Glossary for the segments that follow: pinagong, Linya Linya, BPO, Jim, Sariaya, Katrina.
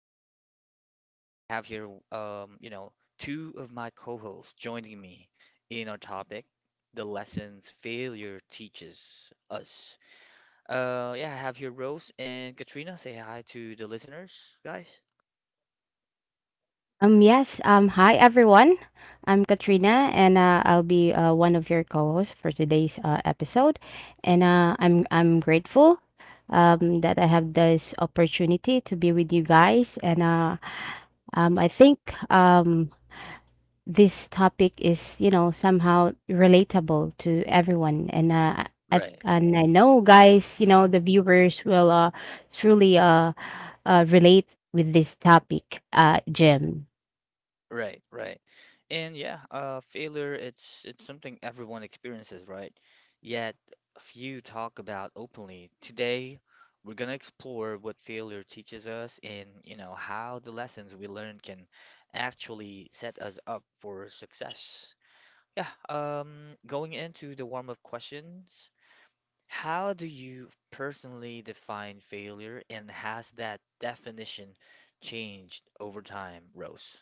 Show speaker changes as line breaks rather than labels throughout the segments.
session. I have here, two of my co-hosts joining me in our topic, the lessons failure teaches us. Yeah, I have here Rose and Katrina. Say hi to the listeners, guys.
Yes. Hi everyone. I'm Katrina, and I'll be one of your co-hosts for today's episode. And I'm grateful that I have this opportunity to be with you guys. And I think um, this topic is you know somehow relatable to everyone.
Right.
And I know guys, you know the viewers will truly relate with this topic, Jim.
Right, right. And yeah, failure it's something everyone experiences, right? Yet few talk about openly. Today, we're gonna explore what failure teaches us and, you know, how the lessons we learn can actually set us up for success. Yeah, going into the warm-up questions, how do you personally define failure and has that definition changed over time, Rose?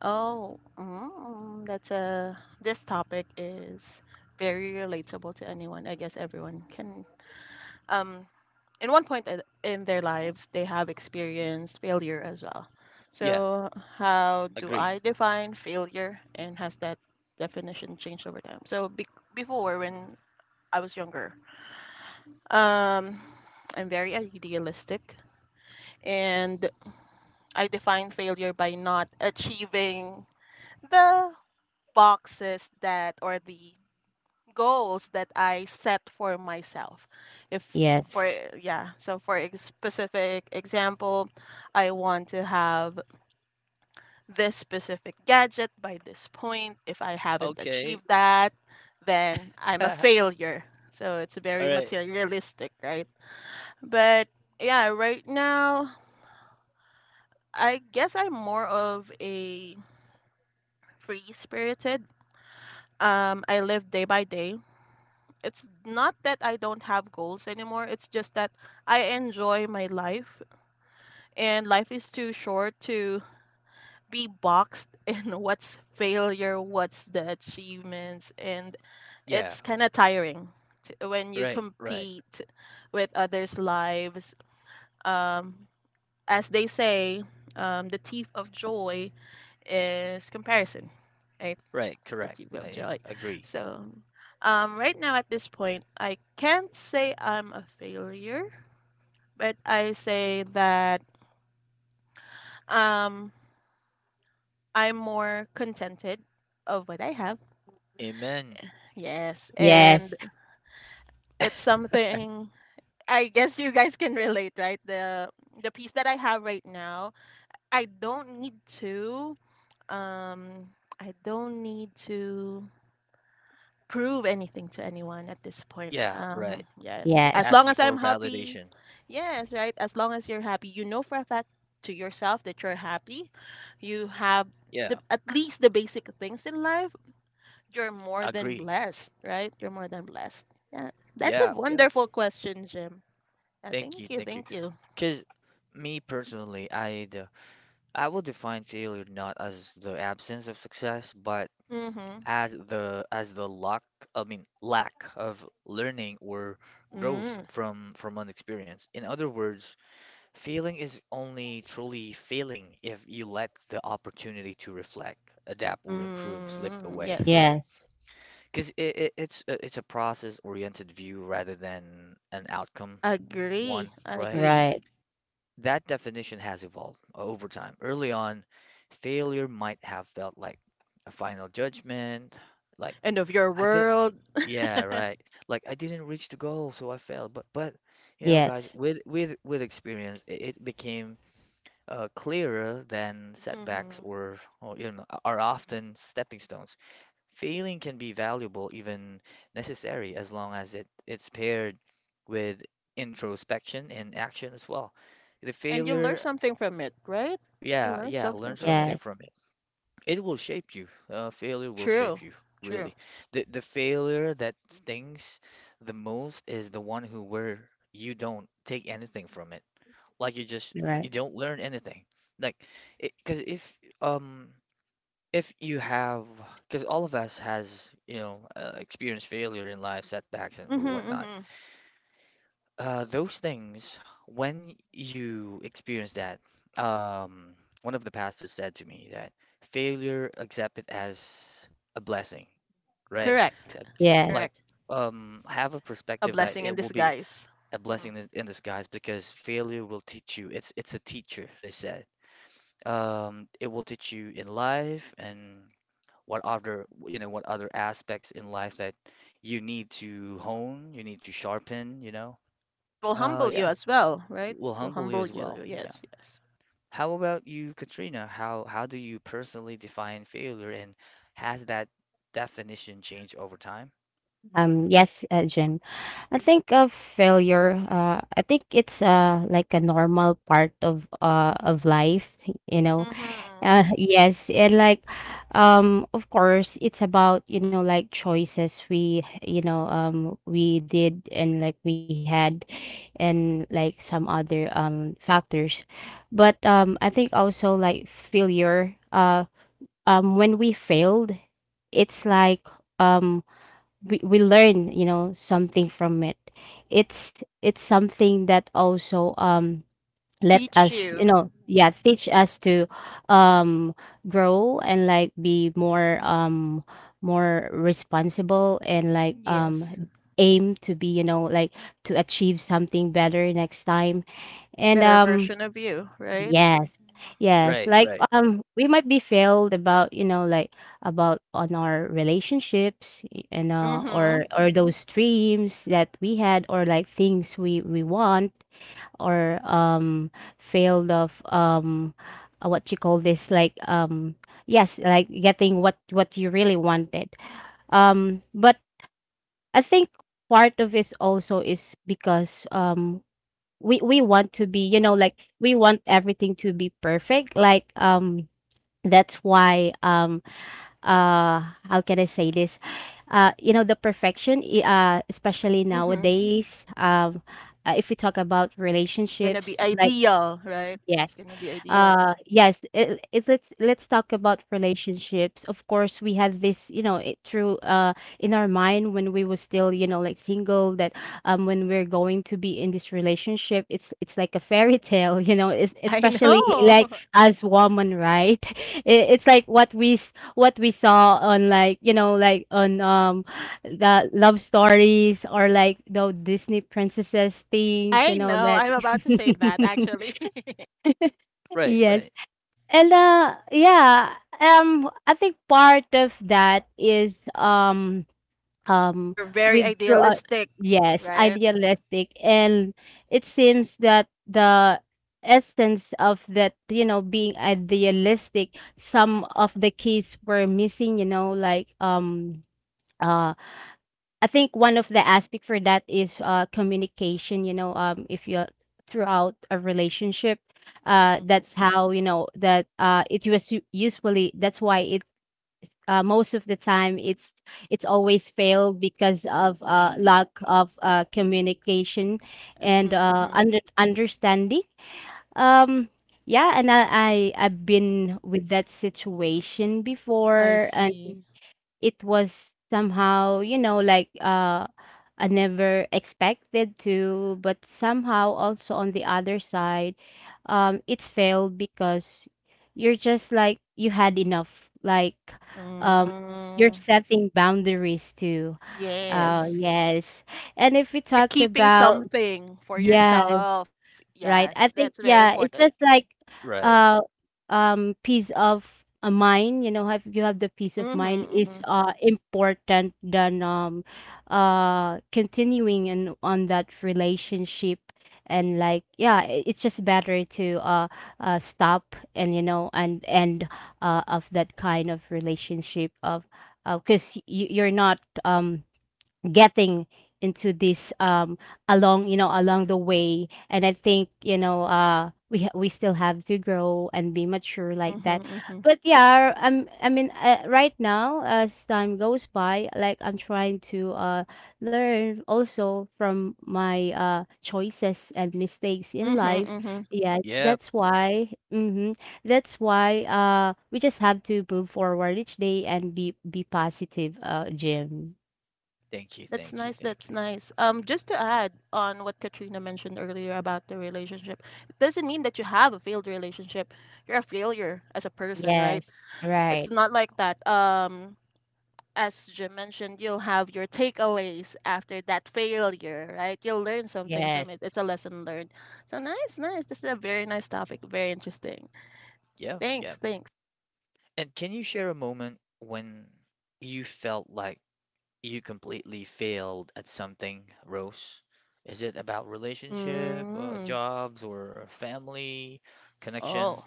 Oh, that's a this topic is very relatable to anyone. I guess everyone can um in one point in their lives they have experienced failure as well.
Yeah,
So, how do
agree.
I define failure and has that definition changed over time? Before when I was younger, um I'm very idealistic and I define failure by not achieving the boxes that or the goals that I set for myself. If for
Yes.
yeah, so for a specific example, I want to have this specific gadget by this point. If I haven't achieved
Okay.
that, then I'm a
All
failure. So it's very
right.
materialistic, right? But yeah, right now I guess I'm more of a free spirited. I live day by day. It's not that I don't have goals anymore. It's just that I enjoy my life, and life is too short to be boxed in what's failure, what's the achievements, and
Yeah.
it's kind of tiring t when you
Right. Right.
compete with others' lives. Um, as they say, the thief of joy is comparison.
Right.
That
Correct.
you love joy.
Agree.
So, right now at this point, I can't say I'm a failure, but I say that um, I'm more contented of what I have.
Amen.
Yes, and
Yes,
it's something I guess you guys can relate, right? The piece that I have right now, I don't need to um I don't need to prove anything to anyone at this point.
Yeah. Right.
Yes. As long
yes,
Asking
as
for
I'm happy.
validation.
Yes, right? As long as you're happy, you know for a fact to yourself that you're happy. You have
Yeah.
at least the basic things in life. You're more than
Agree.
blessed, right? You're more than blessed. Yeah. That's a
Yeah. Yeah.
wonderful question, Jim. Yeah,
Thank
thank
you.
you.
Thank you.
Thank you.
Because me personally, I would define failure not as the absence of success, but
Mm-hmm.
as the lack, I mean lack of learning or growth
Mm.
from an experience. In other words, failing is only truly failing if you let the opportunity to reflect, adapt, or improve slip
Mm.
away,
Yes.
right?
yes,
Because it's a process-oriented view rather than an outcome
Agree.
one, right?
Agree.
right.
That definition has evolved over time. Early on, failure might have felt like a final judgment, like
End of your
I didn't,
world.
yeah, right, like I didn't reach the goal, so I failed. But you know, guys,
Yes,
with with experience, it became clearer than setbacks
Mm-hmm.
or you know, are often stepping stones. Failing can be valuable, even necessary, as long as it's paired with introspection and action as well. The
And you learn
failure,
something from it, right? You
yeah,
learn
yeah, learn
something from it.
something
yes,
from it. It will shape you. Failure will shape
True,
you,
true.
really. The failure that stings the most is the one who where you don't take anything from it. Like you just
right.
you don't learn anything. Like because um if you have because all of us has you know experienced failure in life, setbacks and
Mm-hmm,
or whatnot.
mm-hmm.
Those things when you experience that, um, one of the pastors said to me that failure accept it as a blessing, right?
Correct,
Like
correct.
Yes.
have a
A
perspective that
blessing in
it will be
disguise.
a
Hmm.
blessing in disguise because failure will teach you. It's a teacher, they said. It will teach you in life and what other, you know, what other aspects in life that you need to hone, you need to sharpen, you know.
It will humble you
Yeah,
as well, right?
will
It will
humble you
humble
as well.
you.
Yeah.
Yes, yes.
How about you, Katrina? How do you personally define failure, and has that definition changed over time?
Yes, Jen. I think of failure. I think it's like a normal part of life. You know,
Mm-hmm.
Yes, and like, of course, it's about, you know, like choices we, you know, we did and like we had, and like some other factors, but I think also like failure. When we failed, it's like um, we learn, you know, something from it. It's it's something that also let
Teach
us you
you.
know yeah teach us to um grow and like be more more responsible and like
Yes.
aim to be you know like to achieve something better next time and
Better version of you, right?
yes yes
Right,
like
right,
we might be failed about you know like about on our relationships and
Mm-hmm.
or those dreams that we had or like things we want or failed of what you call this like yes like getting what you really wanted but I think part of it also is because we want to be you know like we want everything to be perfect like that's why how can I say this you know the perfection especially
Mm-hmm.
nowadays if we talk about
It's gonna
relationships
be
like
ideal, right? It's
Yes.
gonna be ideal.
It, let's talk about relationships. Of course, we had this, you know, it through in our mind when we were still, you know, like single that when we're going to be in this relationship, it's like a fairy tale, you know, it's,
I
especially
know.
like as woman, right? It, it's like what we saw on like, you know, like on the love stories or like the Disney princesses things, you
I
know,
know.
that
I'm about to say that actually.
right,
Yes.
right,
And yeah, I think part of that is um
You're very
with through
idealistic,
yes,
right?
idealistic and it seems that the essence of that, you know, being idealistic, some of the keys were missing, you know, like uh. I think one of the aspect for that is communication. You know, if you're throughout a relationship, that's how you know that it was usually that's why it most of the time it's always failed because of lack of communication
Mm-hmm,
and
mm-hmm. Hmm.
understanding. Um, yeah, I, I've been with that situation
I
before and
see.
it was somehow you know like I never expected to but somehow also on the other side it's failed because you're just like you had enough like um you're
Mm,
setting boundaries too
yes.
yes and if we
You're
talk
keeping
about
something for
yes.
yourself. Yes,
Right. I
that's very
think yeah,
important.
it's just like
right.
uh peace of a mind, you know, have you have the peace of
Mm-hmm,
mind
mm-hmm,
is important than continuing in on that relationship and like yeah, it's just better to stop and you know and end of that kind of relationship of because you you're not um getting into this along you know along the way and I think you know we still have to grow and be mature like that
mm-hmm, mm-hmm,
but yeah I'm I mean right now as time goes by like I'm trying to learn also from my choices and mistakes
mm-hmm,
in
mm-hmm.
life yes
Yeah.
that's why mm-hmm, that's why we just have to move forward each day and be positive Jim.
Thank you,
That's
thank you,
nice.
thank
That's
you.
nice. Just to add on what Katrina mentioned earlier about the relationship, it doesn't mean that you have a failed relationship. You're a failure as a person, right?
Yes,
It's
right.
not like that. As Jim mentioned, you'll have your takeaways after that failure, right? You'll learn something from it.
Yes.
It's a lesson learned. So nice, nice. This is a very nice topic. Very interesting.
Yeah,
Thanks,
yeah.
thanks.
And can you share a moment when you felt like you completely failed at something, Rose? Is it about relationship,
Mm.
jobs, or family connection?
Oh,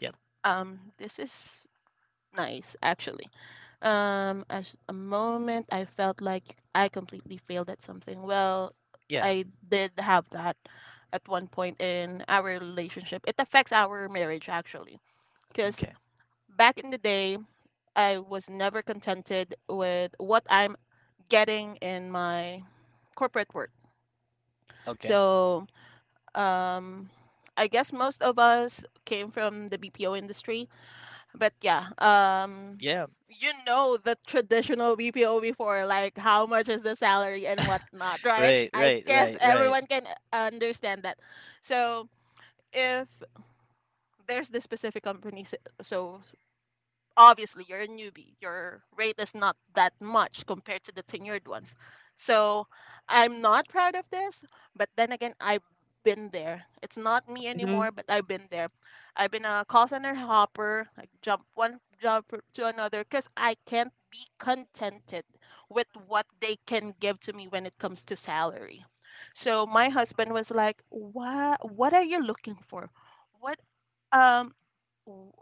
Yep.
this is nice actually. As a moment I felt like I completely failed at something. Well,
Yeah.
I did have that at one point in our relationship. It affects our marriage actually, because
Okay.
back in the day I was never contented with what I'm getting in my corporate work.
Okay.
So, um, I guess most of us came from the BPO industry, but yeah,
Yeah.
you know the traditional BPO before, like how much is the salary and whatnot, right?
Right,
I
right,
guess
right, right,
everyone can understand that. So, if There's this specific company, so obviously you're a newbie, your rate is not that much compared to the tenured ones. So, I'm not proud of this, but then again I've been there. It's not me anymore,
Mhm,
but I've been there. I've been a call center hopper, like jump one job to another because I can't be contented with what they can give to me when it comes to salary. So my husband was like, what are you looking for? What um w-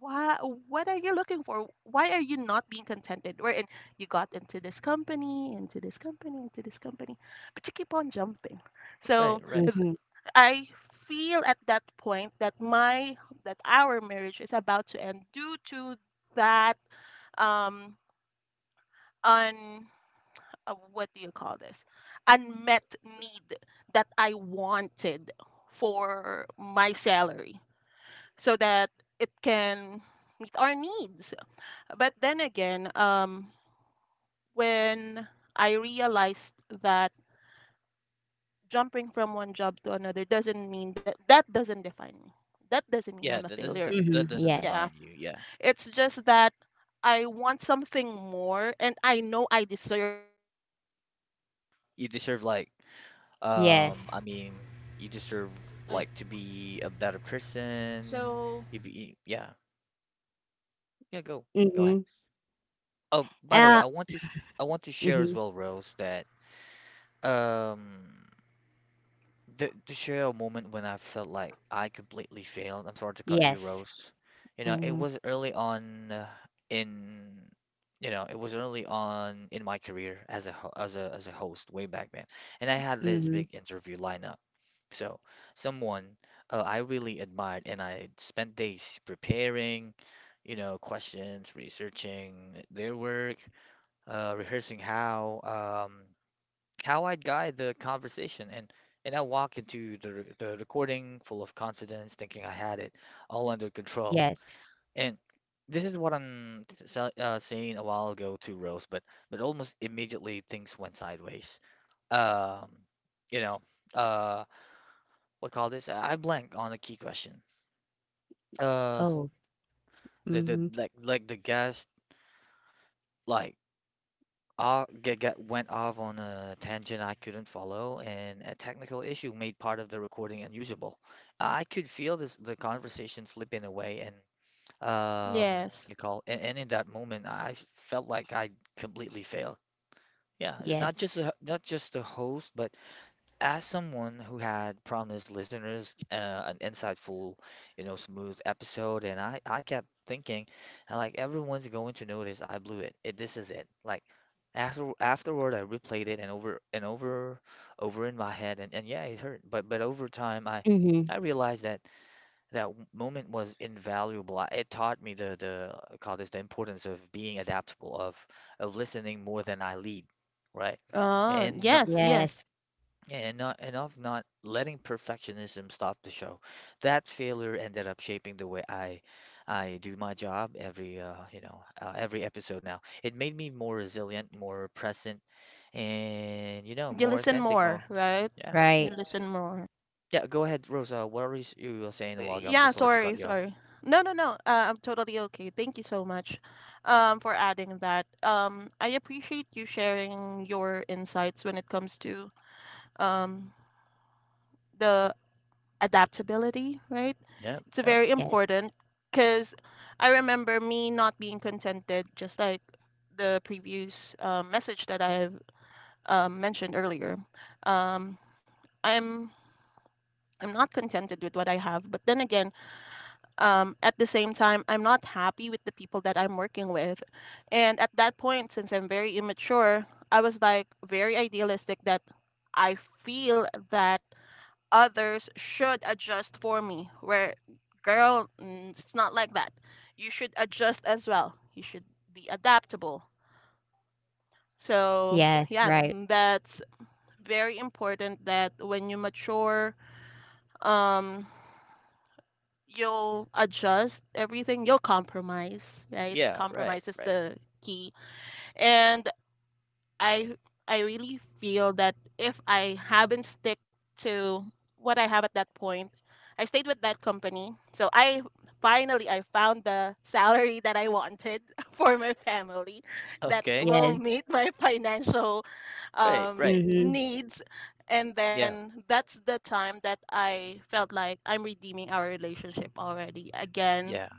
why What are you looking for? Why are you not being contented, wherein you got into this company but you keep on jumping? so
right, right.
if-
mhm,
I feel at that point that my that our marriage is about to end due to that um un what do you call this, unmet need that I wanted for my salary so that it can meet our needs. But then again, when I realized that jumping from one job to another doesn't mean that doesn't define me. That doesn't mean I'm
Yeah,
a
that doesn't
failure.
def that
mhm,
doesn't
Yeah.
yes,
define you. Yeah,
It's just that I want something more and I know I deserve.
you deserve like,
yes.
I mean, you deserve like to be a better person. You be, yeah, yeah. Go, go ahead.
Mhm.
Oh, by the way,
Uh,
I want to, I want to share as
mhm,
well, Rose, that. Um, th to share a moment when I felt like I completely failed. I'm sorry to cut you,
yes.
Rose. You know, it
Mhm,
was early on in, you know, it was early on in my career as a as a host way back then, and I had this
mhm,
big interview lineup. So, someone I really admired, and I spent days preparing, you know, questions, researching their work, rehearsing how. How I'd guide the conversation and I walk into the the recording full of confidence, thinking I had it all under control.
yes.
And this is what saying a while ago to Rose, but almost immediately things went sideways. Um, you know, uh, what call this? I blank on a key question. Uh,
Oh,
the the
mhm,
like like the guest like get went off on a tangent I couldn't follow, and a technical issue made part of the recording unusable. I could feel this the conversation slipping away, and you call, and in that moment, I felt like I completely failed. Yeah, not just
yes.
not just the host, but as someone who had promised listeners an insightful, you know, smooth episode, and I kept thinking, like, everyone's going to notice I blew it. This is it. Like, after afterward, I replayed it and over, over in my head, and yeah, it hurt. But over time,
Mhm,
I realized that moment was invaluable. It taught me the call this the importance of being adaptable, of listening more than I lead, right? And
yes,
and not and of not letting perfectionism stop the show. That failure ended up shaping the way I do my job every every episode now. It made me more resilient, more present, and you know more authentic. Oh, yeah,
right.
yeah. Go ahead, Rosa. What you were saying a while ago? I'm so sorry to cut you off. Yep, yep.
Yes, yes, right.
Yeah, right, right. Okay,
Yes,
right, right.
mhm,
Yeah, yeah.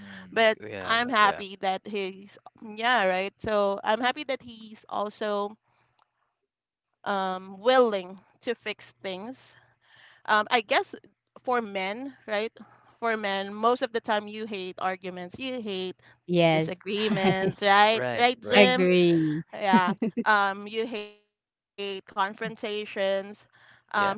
Mm, yeah, yeah.
yes.
Right, right.
Agree.
Yeah,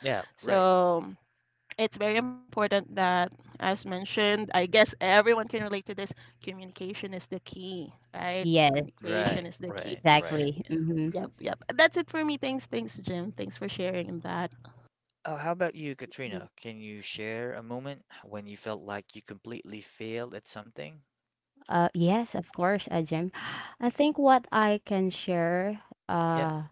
yeah. Right,
Yes,
right, right, right.
exactly. Mhm.
Oh, how about you, Katrina? Can you share a moment when you felt like you completely failed at something?
Yes, of course, Jim.
Mm,
I think what I can share,
yeah,
uh,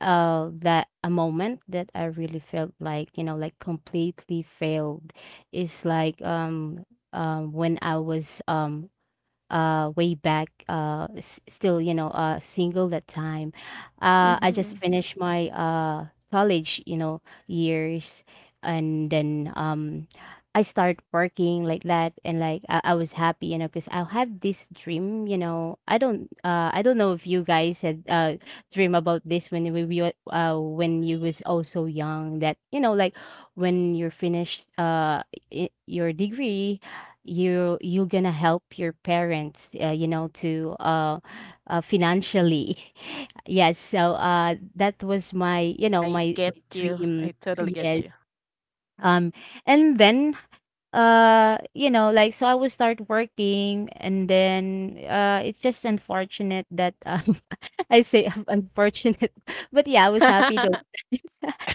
that a moment that I really felt like, you know, like completely failed is like, when I was, way back still you know single that time I just finished my college you know years and then I start working like that I was happy you know because I have this dream you know I don't know if you guys had dream about this when when you was also young that you know like when you're finished your degree you you're gonna help your parents you know to financially. Yes, so that was my you know my dream yes um and then you know like so I would start working and then it's just unfortunate that I say unfortunate but yeah I was happy though.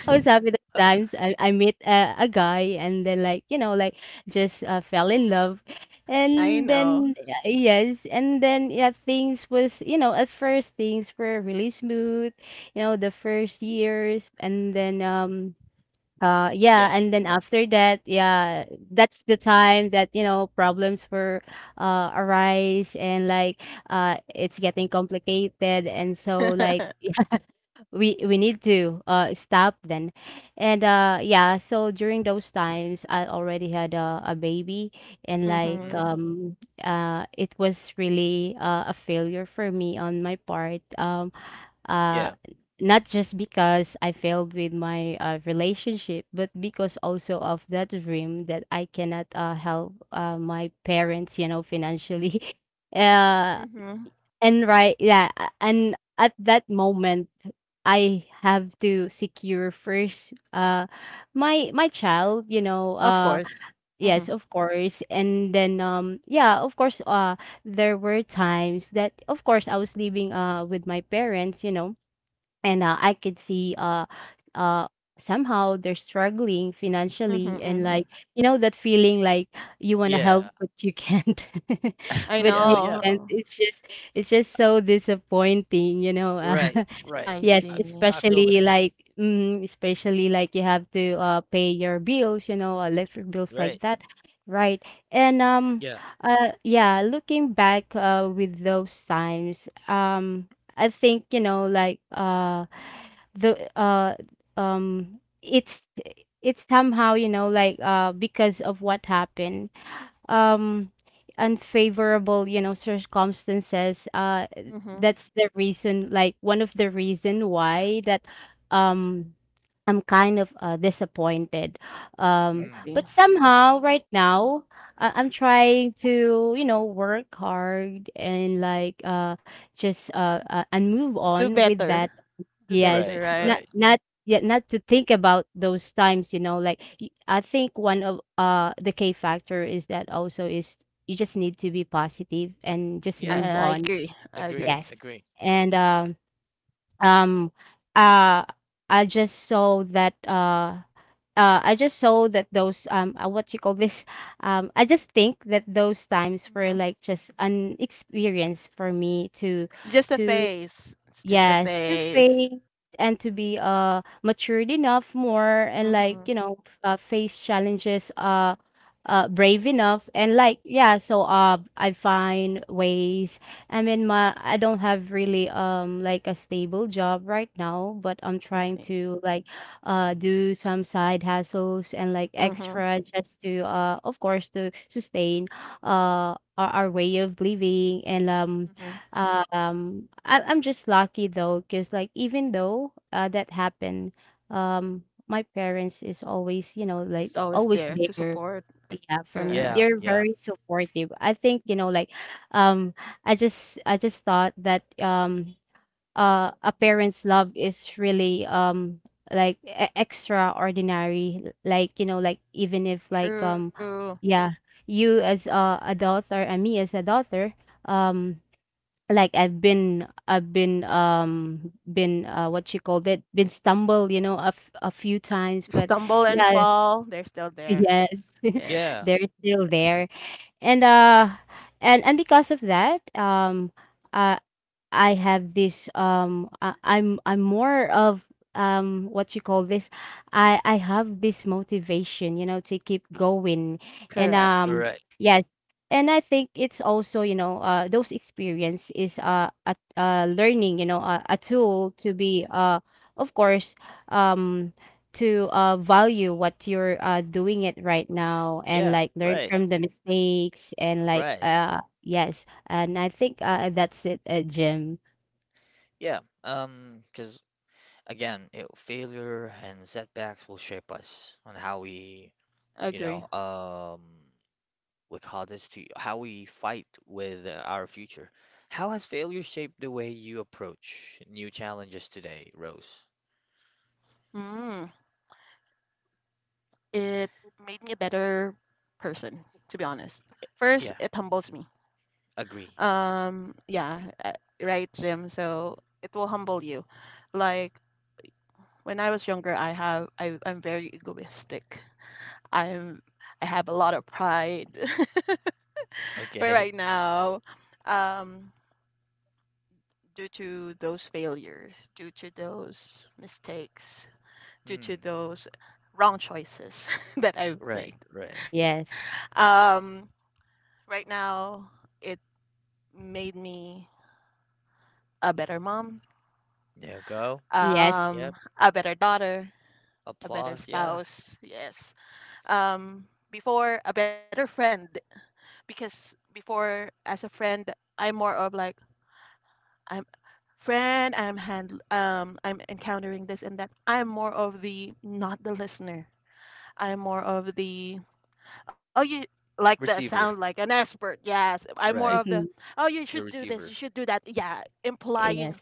I was happy those times I met a guy and then like you know like just fell in love and then yes and then yeah things was you know at first things were really smooth you know the first years and then yeah,
yeah,
and then after that, yeah, that's the time that, you know, problems were arise and like it's getting complicated and so like yeah, we need to stop then. And yeah, so during those times I already had a baby and like
Mm,
it was really a failure for me on my part. Uh,
yeah,
not just because I failed with my relationship, but because also of that dream that I cannot help my parents, you know, financially. uh, yeah, and at that moment, I have to secure first my child, you know, yes, of course, and then yeah, of course, there were times that, of course, I was living with my parents, you know and I could see uh somehow they're struggling financially and like you know that feeling like you want to
yeah,
help but you can't. but
yeah,
you
oh, yeah.
can't it's just so disappointing you know.
Right, right.
Yes,
I feel
especially
that.
like especially like you have to pay your bills, you know, electric bills
Right,
like that, right? And
yeah,
yeah, looking back with those times, I think, you know, like the um it's it's somehow, you know, like because of what happened um unfavorable you know circumstances that's the reason like one of the reason why that um I'm kind of disappointed um
mm,
but somehow right now I'm trying to you know work hard and like just and move on with that. Yes,
right,
not
right.
not yet not to think about those times, you know, I think one of the K factor is that also is you just need to be positive and just
Yeah,
move on.
agree,
Yes.
agree.
And um uh I just saw that I just saw that those what you call this I just think that those times were like just an experience for me to Yes, to face and to be, matured enough more and, like, you know, face challenges, brave enough and, like, yeah, so, I find ways. I mean, my I don't have really, like, a stable job right now, but I'm trying to, like, do some side hustles and, like, extra just to, of course, to sustain, our way of living and, I'm just lucky though, cause like even though that happened, my parents is always, you know, like always there. Yeah, for me,
Yeah,
they're
yeah,
very supportive. I think, you know, like, um, I just thought that a parent's love is really like extraordinary. Like, you know, like even if like yeah, you as a daughter and me as a daughter, um like, I've been, what you called it, been stumbled, you know, a few times, but yeah, yes,
yeah,
they're still there. And, and because of that, uh I have this. I'm I'm more of what you call this I have this motivation, you know, to keep going. And
right,
Yes. And I think it's also, you know, those experience is a learning, you know, a tool to be of course. um to value what you're doing it right now, and
yeah,
like learn
right,
from the mistakes, and
right.
yes. And I think, that's it, Jim.
Yeah, because again, failure and setbacks will shape us on how we, you know, what hardest to how we fight with our future. How has failure shaped the way you approach new challenges today, Rose? Yeah, agree. Okay. Hmm. Right, right.
Yes.
There you go.
Yes.
Yep. Applause. Yeah. Receiver. Right.
Mhm.
The receiver.
Yes.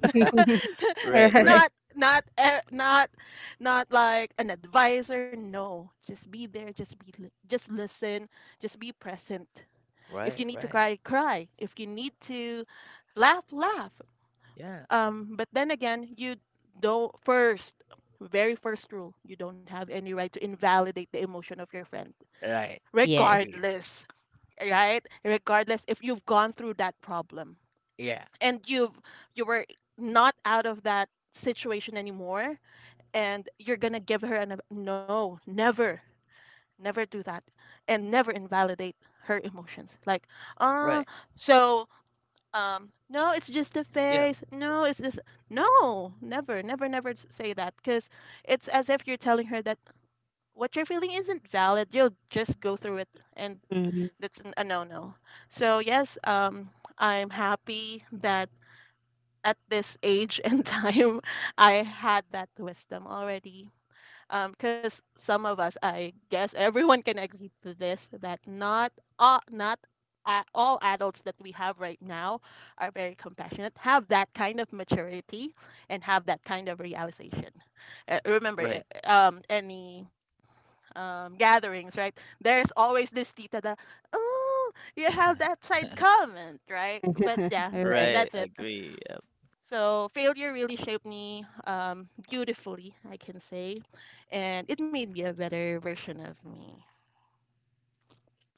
All
Right,
right.
right. Right, right. Yeah. Right.
Yes.
Agree. Yeah. Right. Yep.
Mhm.
Right.
Right.
Right. Agree. Yep.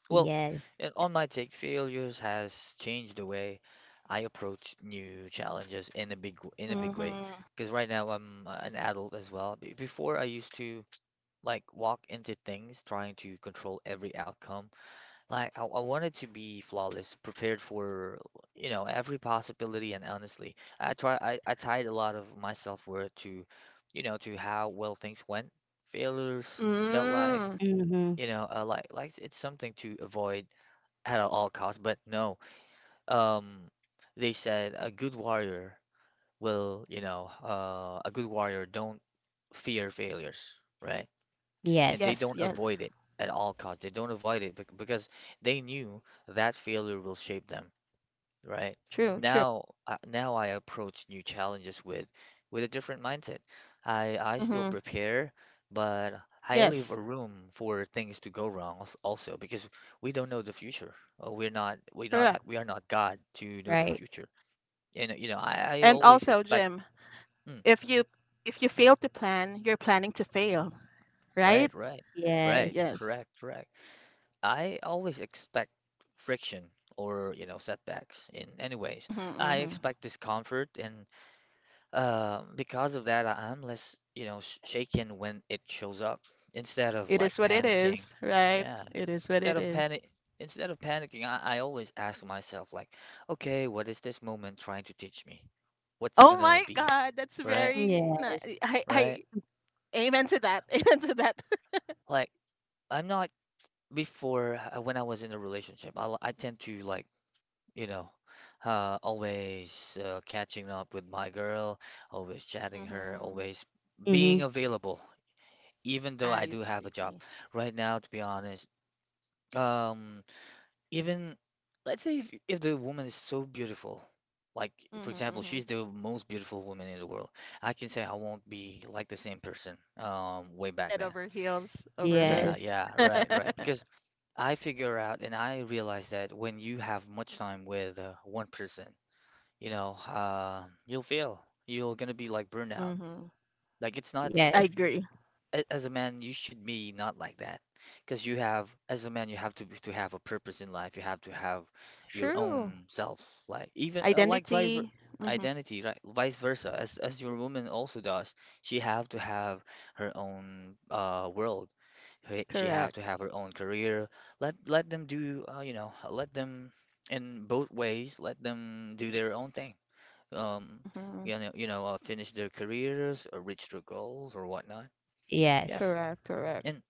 Well,
Yes.
and on my take, failures has changed the way I approach new challenges in a big in a big way. Because right now I'm an adult as well. Before I used to like walk into things trying to control every outcome. Like I wanted to be flawless, prepared for you know every possibility. And honestly, I tied a lot of my self-worth to you know to how well things went. Failures felt like
Mhm.
you know like it's something to avoid at all costs, but no. Um, they said a good warrior will, you know, a good warrior don't fear failures, right? And they
Yes.
don't avoid it at all costs. They don't avoid it because they knew that failure will shape them. Right. Now, now I approach new challenges with a different mindset. I still prepare, but I leave a room for things to go wrong also because we don't know the future. We are not God to know the
Right.
future. And you know, I always expect mm, right, right. Right,
Yes.
correct, correct. I always expect friction or, you know, setbacks in any ways. I expect discomfort and uh, because of that, I'm less, you know, sh shaken when it shows up instead of like panicking. Yeah. Instead of panic, instead of panicking, I always ask myself like, okay, what is this moment trying to teach me? What's gonna be, right?
Yes.
Right? Like, I'm not before when I was in a relationship. I tend to like, you know, always catching up with my girl, always chatting her, always being
Mhm.
available even though I do have a job right now, to be honest, um, even let's say if the woman is so beautiful, like for example, she's the most beautiful woman in the world, I can say I won't be like the same person, way back then. Yeah,
Yes.
yeah, right, right. Because I figure out and I realize that when you have much time with one person, you know, you'll feel you're gonna be like burnout. Like it's not
Yes.
as a man you should be not like that because you have as a man you have to be- to have a purpose in life. You have to have your own self, like even like vice ver- identity, right? Vice versa, as your woman also does. She have to have her own world. She have to have her own career. Let them do, you know, let them, in both ways, let them do their own thing. um Finish their careers or reach their goals or whatnot. Yeah.
Yes.
And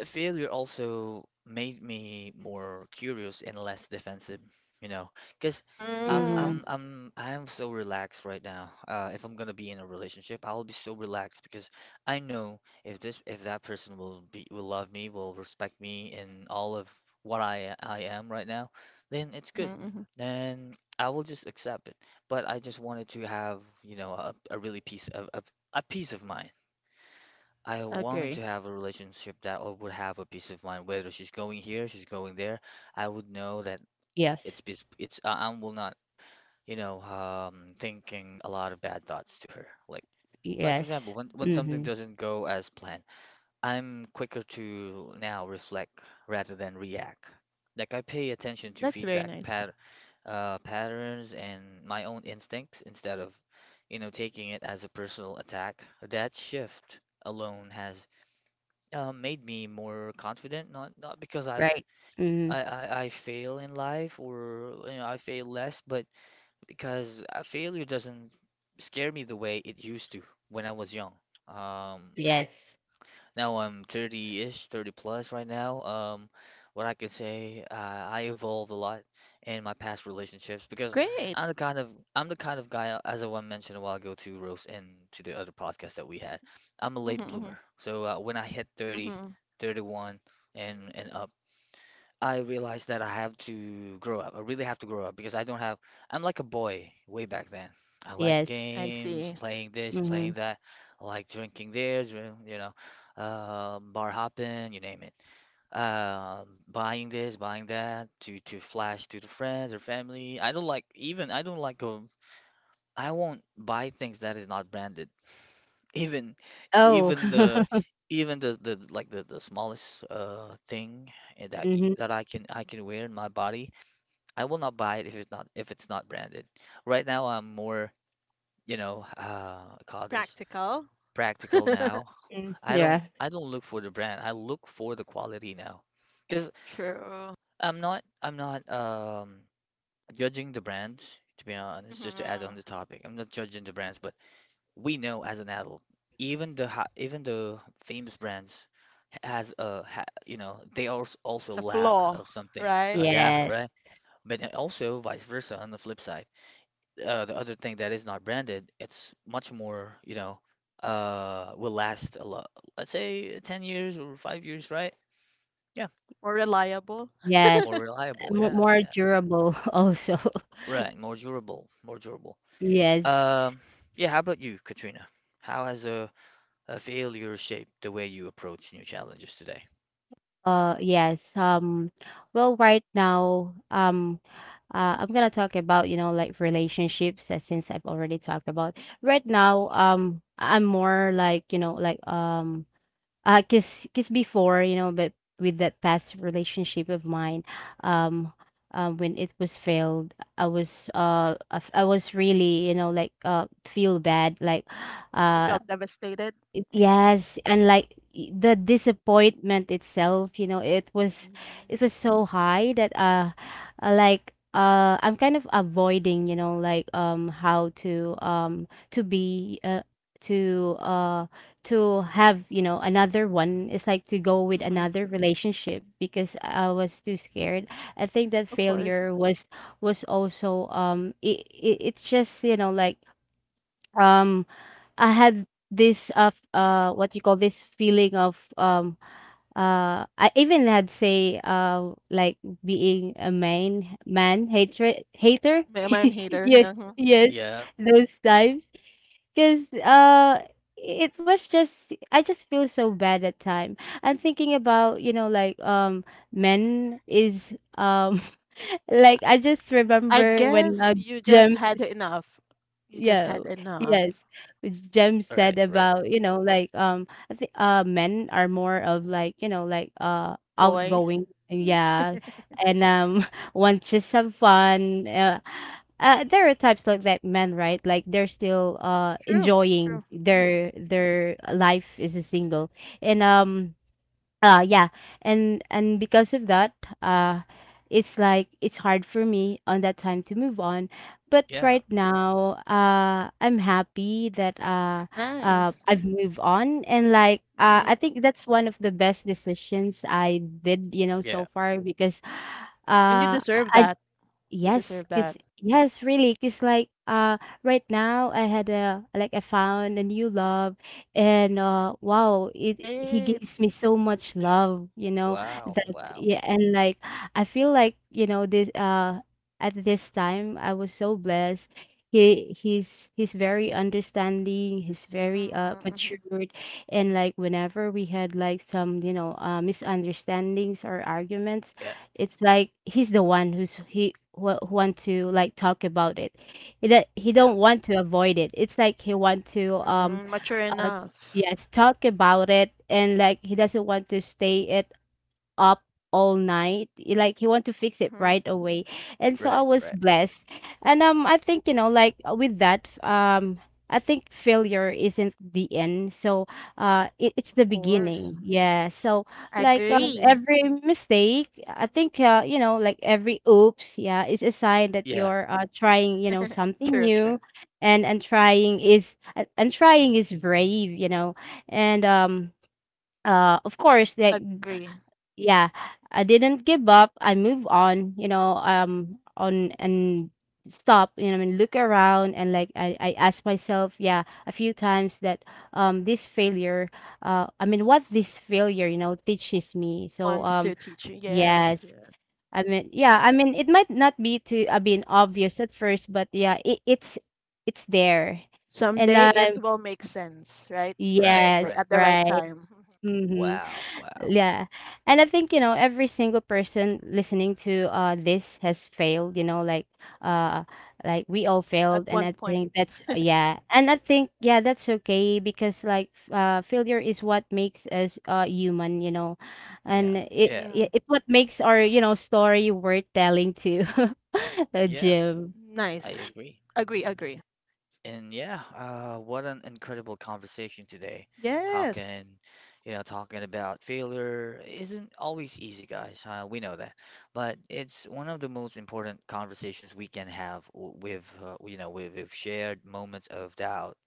failure also made me more curious and less defensive, you know, because
Mhm.
I am so relaxed right now. If I'm gonna be in a relationship, I'll be so relaxed because I know if this if that person will be will love me, will respect me in all of what I am right now, then it's good. Then I will just accept it. But I just wanted to have, you know, a really piece of a peace of mind. I wanted to have a relationship that I would have a peace of mind, whether she's going here, she's going there. I would know that
Yes.
it's peace, I will not, thinking a lot of bad thoughts to her. Like for
Yes.
example, when something
Mhm.
doesn't go as planned, I'm quicker to now reflect rather than react. Like I pay attention to feedback patterns and my own instincts instead of, you know, taking it as a personal attack. That shift alone has made me more confident. Not because
Right. Mhm.
I fail in life, or you know, I fail less, but because failure doesn't scare me the way it used to when I was young. Um,
Yes.
Now I'm 30-ish, 30 plus right now. What I can say, I evolved a lot in my past relationships because I'm the kind of I'm the kind of guy, as I one mentioned a while ago to Rose and to the other podcast that we had. I'm a late bloomer. So when I hit 30, 31, and up, I realized that I have to grow up. I really have to grow up because I don't have, I'm like a boy way back then. I like
Yes.
games, playing this, playing
Mhm.
that. I like drinking there, drink, you know, bar hopping, you name it. Buying this, buying that to flash to the friends or family. I don't like go. I won't buy things that is not branded, even
Oh.
even the the, like the smallest thing
Mhm.
that I can wear in my body, I will not buy it if it's not branded. Right now I'm more, you know, call this practical now.
Mm.
I don't
Yeah.
I don't look for the brand. I look for the quality now. 'Cause I'm not judging the brands, to be honest, just to add on the topic. I'm not judging the brands, but we know as an adult, even the famous brands you know, they also lack of something. Yeah,
Yes.
right. But then also vice versa, on the flip side, the other thing that is not branded, it's much more, you know, will last a lot. Let's say 10 years or 5 years, right? Yeah,
Yes.
more reliable.
Mo
Yes,
more
yeah,
durable also.
right. More durable, more durable.
Yes.
Um, yeah. How about you, Katrina? How has a Failure shaped the way you approach new challenges today?
Yes. Well, right now, I'm gonna talk about, you know, like relationships, since I've already talked about. Right now, I'm more like, you know, cause before, you know, but with that past relationship of mine, um, when it was failed, I was, I was really, you know, feel bad, like, uh, it, yes, and like the disappointment itself, you know, it was so high that like I'm kind of avoiding, you know, like how to be to uh to have, you know, another one. It's like to go with another relationship because I was too scared. I think that failure was also it, it it's just, you know, like um I had this of what you call this feeling of I even had say like being a man hatred hater. Yeah. Yes.
Yeah.
Those times because it was just I just feel so bad at time. I'm thinking about, you know, like men is like I just remember when Jem. Yeah, yes. Which Jem
All right.
said
Right.
about, you know, like I think men are more of like, you know, outgoing. Yeah. And want just some fun. There are types like that men, right? Like they're still enjoying their life as a single. And yeah, and because of that, uh, it's like it's hard for me on that time to move on. But
Yeah.
right now, I'm happy that I've moved on, and I think that's one of the best decisions I did, you know, so
Yeah.
far because I yes, cause really, cause like, right now I had a like, I found a new love. And, wow, it he gives me so much love, you know,
Wow.
that.
Wow.
Yeah, and, like, I feel like, you know, this, at this time, I was so blessed. He's very understanding, he's very, matured, and, like, whenever we had, like, some, you know, misunderstandings or arguments,
Yeah.
it's like he who want to like talk about it. He
Yeah.
don't want to avoid it. It's like he want to uh yes talk about it. And like he doesn't want to stay it up all night. Like he want to fix it right away. And so I
Right.
was
Right.
blessed. And I think, you know, with that, I think failure isn't the end. So it, it's the beginning. Yeah. So every mistake, I think you know, like every oops, yeah, is a sign that
Yeah.
you're trying, you know, something new. And and trying is brave, you know. And of course like, yeah, I didn't give up. I move on, you know, on and stop, you know, I mean, look around and like I ask myself, yeah, a few times that this failure, I mean, what this failure, you know, teaches me. So yes, I mean, yeah, I mean, it might not be to I mean obvious at first, but yeah, it, it's there, and
Right.
yes,
Right.
right, mm-hmm.
Wow. Wow.
Yeah. And I think, you know, every single person listening to this has failed, you know, uh like we all failed and I think that's yeah. And I think yeah, that's okay because like failure is what makes us human, you know.
Yeah.
And
Yeah.
it's what makes our, you know, story worth telling to
Yeah.
Jim.
I agree. And yeah, what an incredible conversation today. Talking, Talking about failure isn't always easy, guys. We know that, but it's one of the most important conversations we can have. With with shared moments of doubt,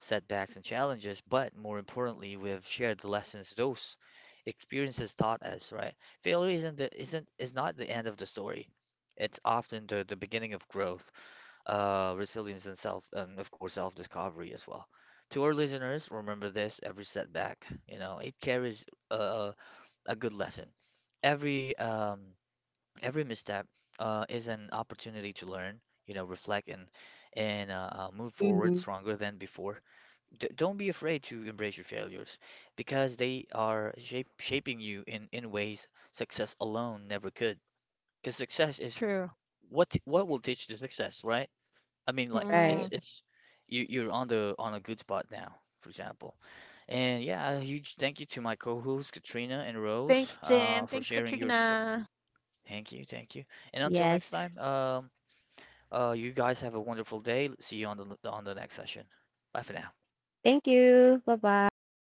setbacks, and challenges, but more importantly, we've shared the lessons those experiences taught us. Right? Failure isn't the, isn't is not the end of the story. It's often the beginning of growth, resilience and self, and of course, self-discovery as well. To our listeners, remember this: every setback, you know, it carries a, a good lesson. Every um, every misstep is an opportunity to learn, you know, reflect and move forward
Hmm.
stronger than before. D Don't be afraid to embrace your failures, because they are shape shaping you in ways success alone never could. Because success is what will teach you success, right? I mean, like
Right.
it's you you're on the on a good spot now, for example. And yeah, a huge thank you to my co-hosts Katrina and Rose, for sharing your so thank you, thank you. And until next
Yes.
time, you guys have a wonderful day. See you on the next session. Bye for now.
Thank you. Bye-bye.